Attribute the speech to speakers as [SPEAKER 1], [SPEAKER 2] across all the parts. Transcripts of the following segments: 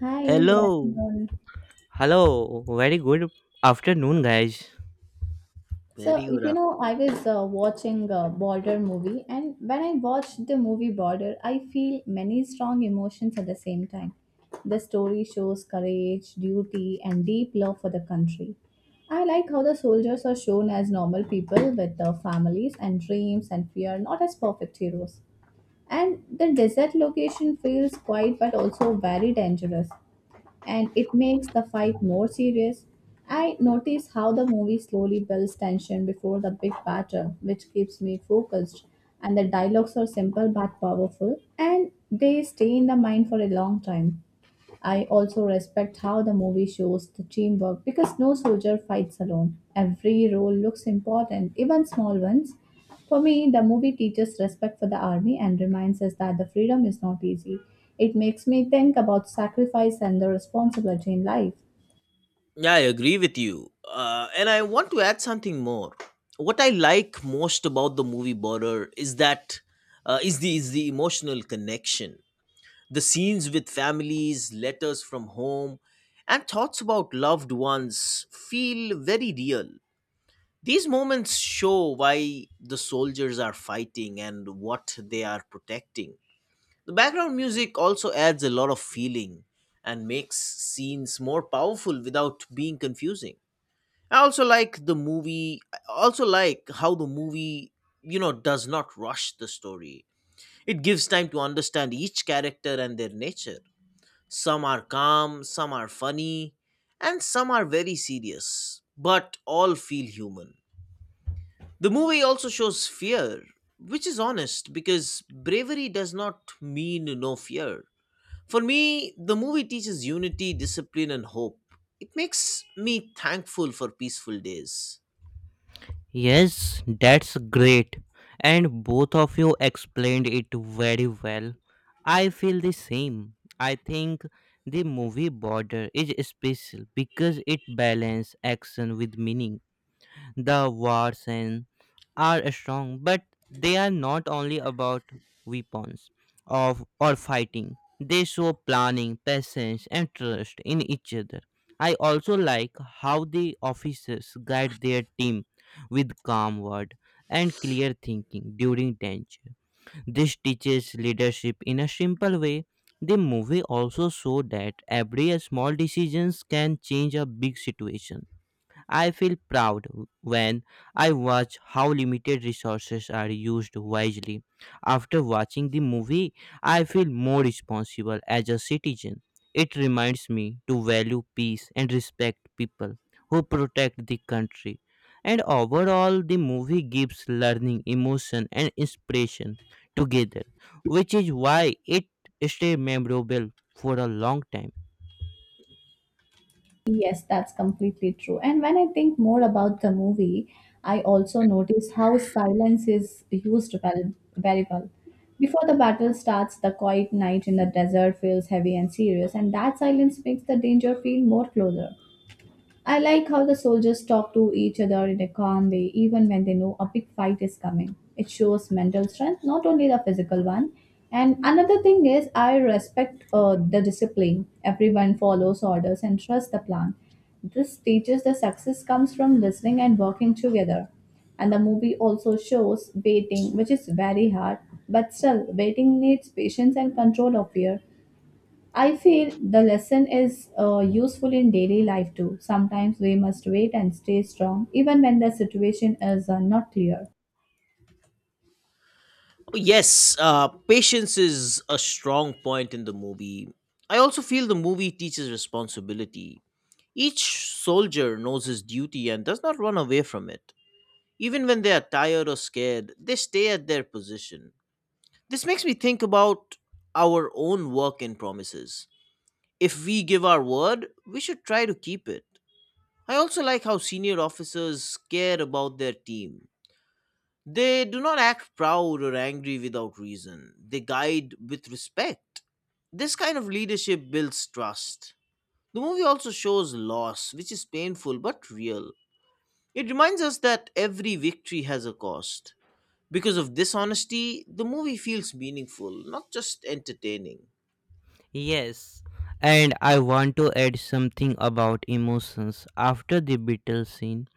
[SPEAKER 1] Hi, good
[SPEAKER 2] Hello.
[SPEAKER 1] afternoon.
[SPEAKER 3] Hello, very good afternoon, guys.
[SPEAKER 1] So,
[SPEAKER 2] Very good afternoon.
[SPEAKER 1] I was watching a Border movie, and when I watched the movie Border, I feel many strong emotions at the same time. The story shows courage, duty, and deep love for the country. I like how the soldiers are shown as normal people with their families and dreams and fear, not as perfect heroes. And the desert location feels quiet but also very dangerous, and it makes the fight more serious. I notice how the movie slowly builds tension before the big battle, which keeps me focused. And the dialogues are simple but powerful, and they stay in the mind for a long time. I also respect how the movie shows the teamwork because no soldier fights alone. Every role looks important, even small ones. For me, the movie teaches respect for the army and reminds us that the freedom is not easy. It makes me think about sacrifice and the responsibility in life.
[SPEAKER 2] Yeah, I agree with you. And I want to add something more. What I like most about the movie Border is that is the emotional connection, the scenes with families, letters from home, and thoughts about loved ones feel very real. These moments show why the soldiers are fighting and what they are protecting. The background music also adds a lot of feeling and makes scenes more powerful without being confusing. I also like how the movie does not rush the story. It gives time to understand each character and their nature. Some are calm, some are funny, and some are very serious, but all feel human. The movie also shows fear, which is honest because bravery does not mean no fear. For me, the movie teaches unity, discipline, and hope. It makes me thankful for peaceful days.
[SPEAKER 3] Yes, that's great. And both of you explained it very well. I feel the same. I think the movie Border is special because it balances action with meaning. The wars and are strong, but they are not only about weapons of or fighting. They show planning, patience, and trust in each other. I also like how the officers guide their team with calm word and clear thinking during danger. This teaches leadership in a simple way. The movie also showed that every small decisions can change a big situation. I feel proud when I watch how limited resources are used wisely. After watching the movie, I feel more responsible as a citizen. It reminds me to value peace and respect people who protect the country. And overall, the movie gives learning, emotion, and inspiration together, which is why it stays memorable for a long time.
[SPEAKER 1] Yes, that's completely true. And when I think more about the movie, I also notice how silence is used well, very well. Before the battle starts, the quiet night in the desert feels heavy and serious, and that silence makes the danger feel more closer. I like how the soldiers talk to each other in a calm way, even when they know a big fight is coming. It shows mental strength, not only the physical one. And another thing is, I respect the discipline. Everyone follows orders and trusts the plan. This teaches the success comes from listening and working together. And the movie also shows waiting, which is very hard, but still, waiting needs patience and control of fear. I feel the lesson is useful in daily life too. Sometimes we must wait and stay strong, even when the situation is not clear.
[SPEAKER 2] Oh, yes, patience is a strong point in the movie. I also feel the movie teaches responsibility. Each soldier knows his duty and does not run away from it. Even when they are tired or scared, they stay at their position. This makes me think about our own work and promises. If we give our word, we should try to keep it. I also like how senior officers care about their team. They do not act proud or angry without reason, they guide with respect. This kind of leadership builds trust. The movie also shows loss, which is painful but real. It reminds us that every victory has a cost. Because of dishonesty, the movie feels meaningful, not just entertaining.
[SPEAKER 3] Yes, and I want to add something about emotions. After the battle scene,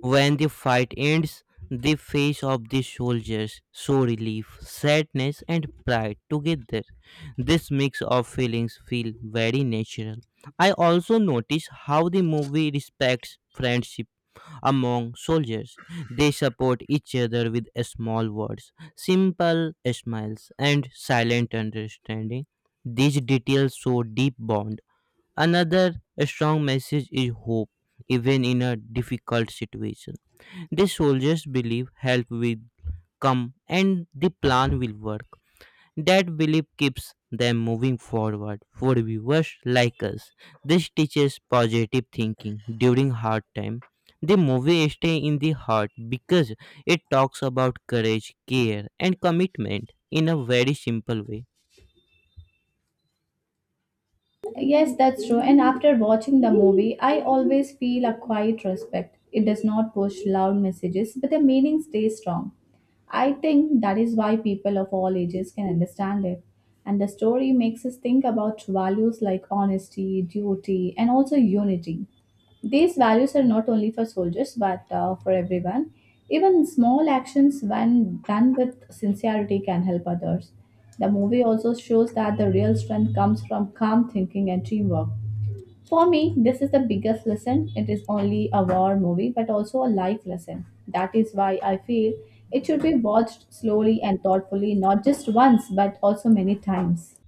[SPEAKER 3] when the fight ends, the face of the soldiers show relief, sadness, and pride together. This mix of feelings feel very natural. I also notice how the movie respects friendship among soldiers. They support each other with small words, simple smiles, and silent understanding. These details show deep bond. Another strong message is hope, even in a difficult situation. The soldiers believe help will come and the plan will work. That belief keeps them moving forward for viewers like us. This teaches positive thinking during hard time. The movie stays in the heart because it talks about courage, care and commitment in a very simple way.
[SPEAKER 1] Yes, that's true. And after watching the movie, I always feel a quiet respect. It does not push loud messages, but the meaning stays strong. I think that is why people of all ages can understand it. And the story makes us think about values like honesty, duty, and also unity. These values are not only for soldiers but for everyone. Even small actions, when done with sincerity, can help others. The movie also shows that the real strength comes from calm thinking and teamwork. For me, this is the biggest lesson. It is only a war movie but also a life lesson. That is why I feel it should be watched slowly and thoughtfully, not just once but also many times.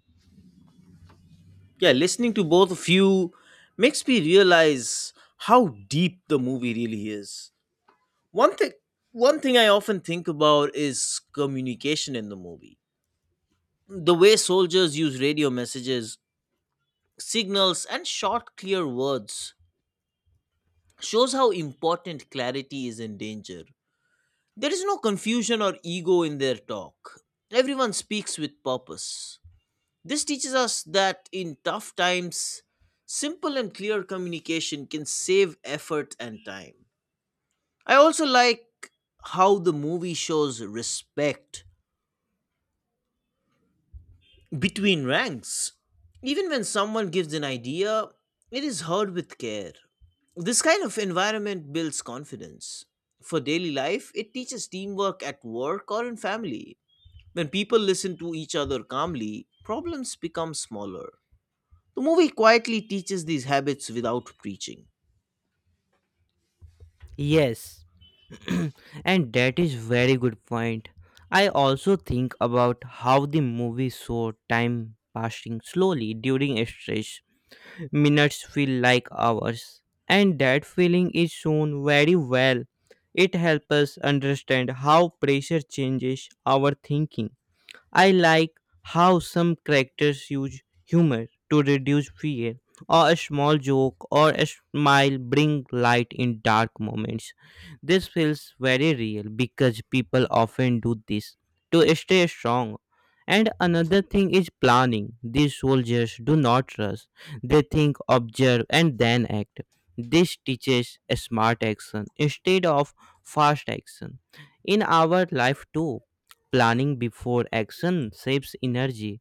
[SPEAKER 2] Yeah, listening to both of you makes me realize how deep the movie really is. one thing One thing I often think about is communication in the movie. The way soldiers use radio messages, signals, and short clear words shows how important clarity is in danger. There is no confusion or ego in their talk. Everyone speaks with purpose. This teaches us that in tough times, simple and clear communication can save effort and time. I also like how the movie shows respect between ranks. Even when someone gives an idea, it is heard with care. This kind of environment builds confidence. For daily life, it teaches teamwork at work or in family. When people listen to each other calmly, problems become smaller. The movie quietly teaches these habits without preaching.
[SPEAKER 3] Yes. And that is very good point. I also think about how the movie show time passing slowly during stress, minutes feel like hours. And that feeling is shown very well. It helps us understand how pressure changes our thinking. I like how some characters use humor to reduce fear, or a small joke or a smile bring light in dark moments. This feels very real because people often do this to stay strong. And another thing is planning. These soldiers do not rush, they think, observe, and then act. This teaches a smart action instead of fast action in our life too. Planning before action saves energy.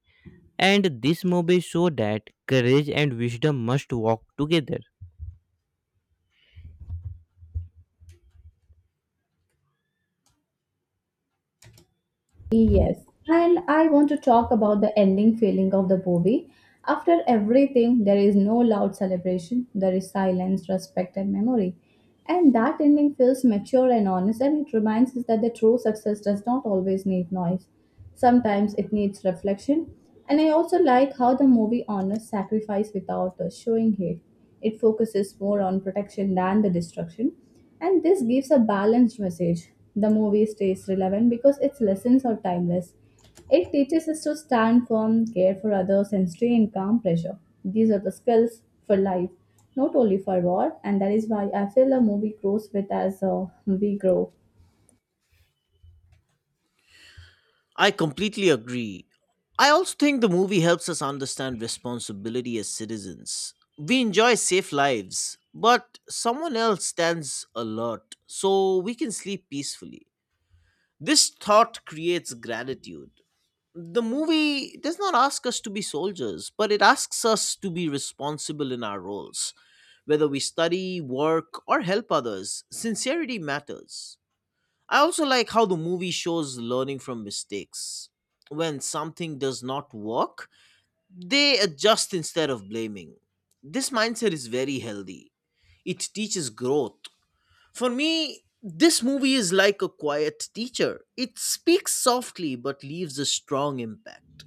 [SPEAKER 3] And this movie show that courage and wisdom must walk together.
[SPEAKER 1] Yes, and I want to talk about the ending feeling of the movie. After everything, there is no loud celebration, there is silence, respect, and memory. And that ending feels mature and honest, and it reminds us that the true success does not always need noise. Sometimes it needs reflection, and I also like how the movie honors sacrifice without showing hate. It focuses more on protection than the destruction, and this gives a balanced message. The movie stays relevant because its lessons are timeless. It teaches us to stand firm, care for others, and stay in calm pressure. These are the skills for life, not only for war, and that is why I feel the movie grows with as we grow.
[SPEAKER 2] I completely agree. I also think the movie helps us understand responsibility as citizens. We enjoy safe lives, but someone else stands alert so we can sleep peacefully. This thought creates gratitude. The movie does not ask us to be soldiers, but it asks us to be responsible in our roles. Whether we study, work, or help others, sincerity matters. I also like how the movie shows learning from mistakes. When something does not work, they adjust instead of blaming. This mindset is very healthy. It teaches growth. For me, this movie is like a quiet teacher. It speaks softly but leaves a strong impact.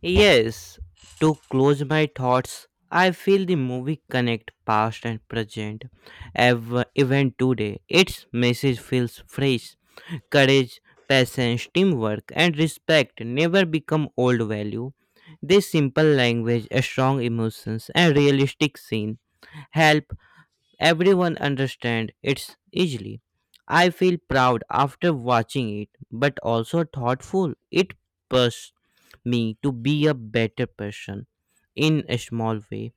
[SPEAKER 3] Yes, to close my thoughts, I feel the movie connect past and present. Even today, its message feels fresh. Courage, patience, teamwork, and respect never become old value. This simple language, a strong emotions, and realistic scene help everyone understand it's easily. I feel proud after watching it, but also thoughtful. It pushed me to be a better person in a small way.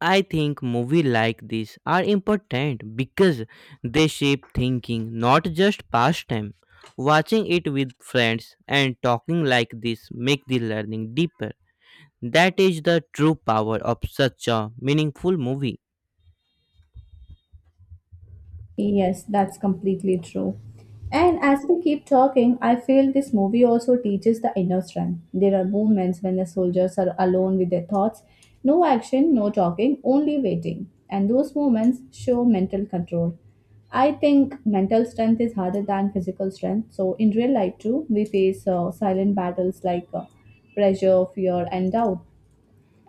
[SPEAKER 3] I think movies like this are important because they shape thinking, not just pastime. Watching it with friends and talking like this make the learning deeper. That is the true power of such a meaningful movie.
[SPEAKER 1] Yes, that's completely true. And as we keep talking, I feel this movie also teaches the inner strength. There are moments when the soldiers are alone with their thoughts, no action, no talking, only waiting. And those moments show mental control. I think mental strength is harder than physical strength. So, in real life, too, we face silent battles like pressure, fear, and doubt.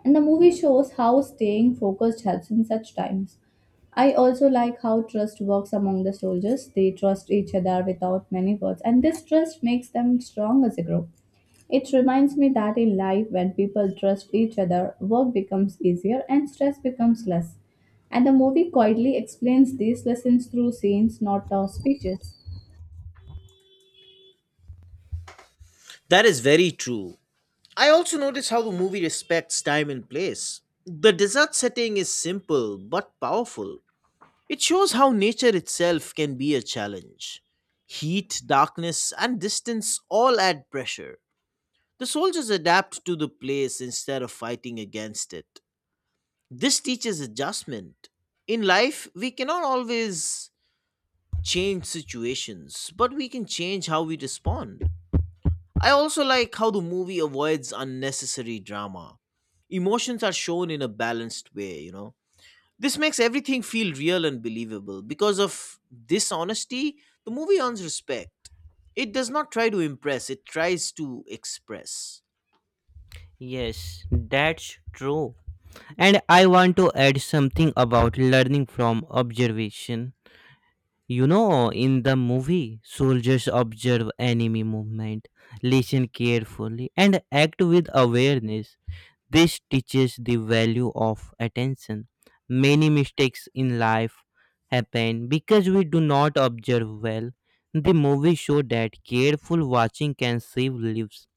[SPEAKER 1] And the movie shows how staying focused helps in such times. I also like how trust works among the soldiers. They trust each other without many words, and this trust makes them strong as a group. It reminds me that in life, when people trust each other, work becomes easier and stress becomes less. And the movie quietly explains these lessons through scenes, not speeches.
[SPEAKER 2] That is very true. I also notice how the movie respects time and place. The desert setting is simple but powerful. It shows how nature itself can be a challenge. Heat, darkness, and distance all add pressure. The soldiers adapt to the place instead of fighting against it. This teaches adjustment. In life, we cannot always change situations, but we can change how we respond. I also like how the movie avoids unnecessary drama. Emotions are shown in a balanced way, you know, this makes everything feel real and believable. Because of this honesty, the movie earns respect. It does not try to impress, it tries to express.
[SPEAKER 3] Yes, that's true. And I want to add something about learning from observation. You know, in the movie, soldiers observe enemy movement, listen carefully, and act with awareness. This teaches the value of attention. Many mistakes in life happen because we do not observe well. The movie shows that careful watching can save lives.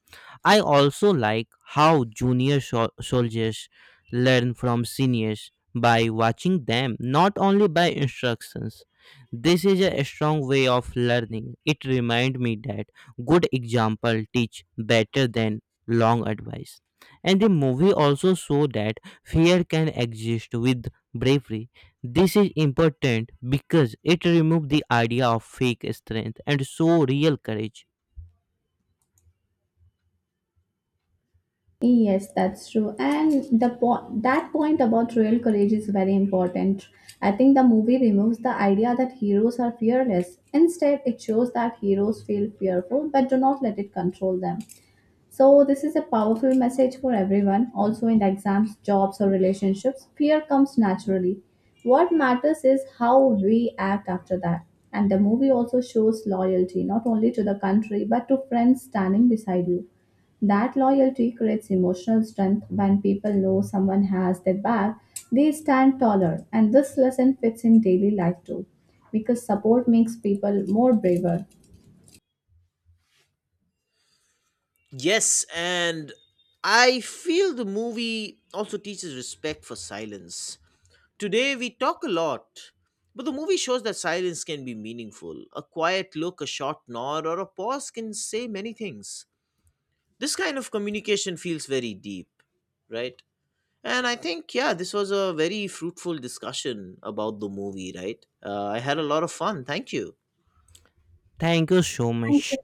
[SPEAKER 3] I also like how junior soldiers learn from seniors by watching them, not only by instructions. This is a strong way of learning. It reminds me that good example teach better than long advice. And the movie also show that fear can exist with bravery. This is important because it removes the idea of fake strength and show real courage.
[SPEAKER 1] Yes, that's true. And the point about real courage is very important. I think the movie removes the idea that heroes are fearless. Instead, it shows that heroes feel fearful but do not let it control them. So, this is a powerful message for everyone, also in the exams, jobs, or relationships. Fear comes naturally. What matters is how we act after that. And the movie also shows loyalty, not only to the country, but to friends standing beside you. That loyalty creates emotional strength when people know someone has their back, they stand taller. And this lesson fits in daily life too, because support makes people more braver.
[SPEAKER 2] Yes, and I feel the movie also teaches respect for silence. Today we talk a lot, but the movie shows that silence can be meaningful. A quiet look, a short nod, or a pause can say many things. This kind of communication feels very deep, right? And I think, yeah, this was a very fruitful discussion about the movie, right? I had a lot of fun. Thank you.
[SPEAKER 3] Thank you so much.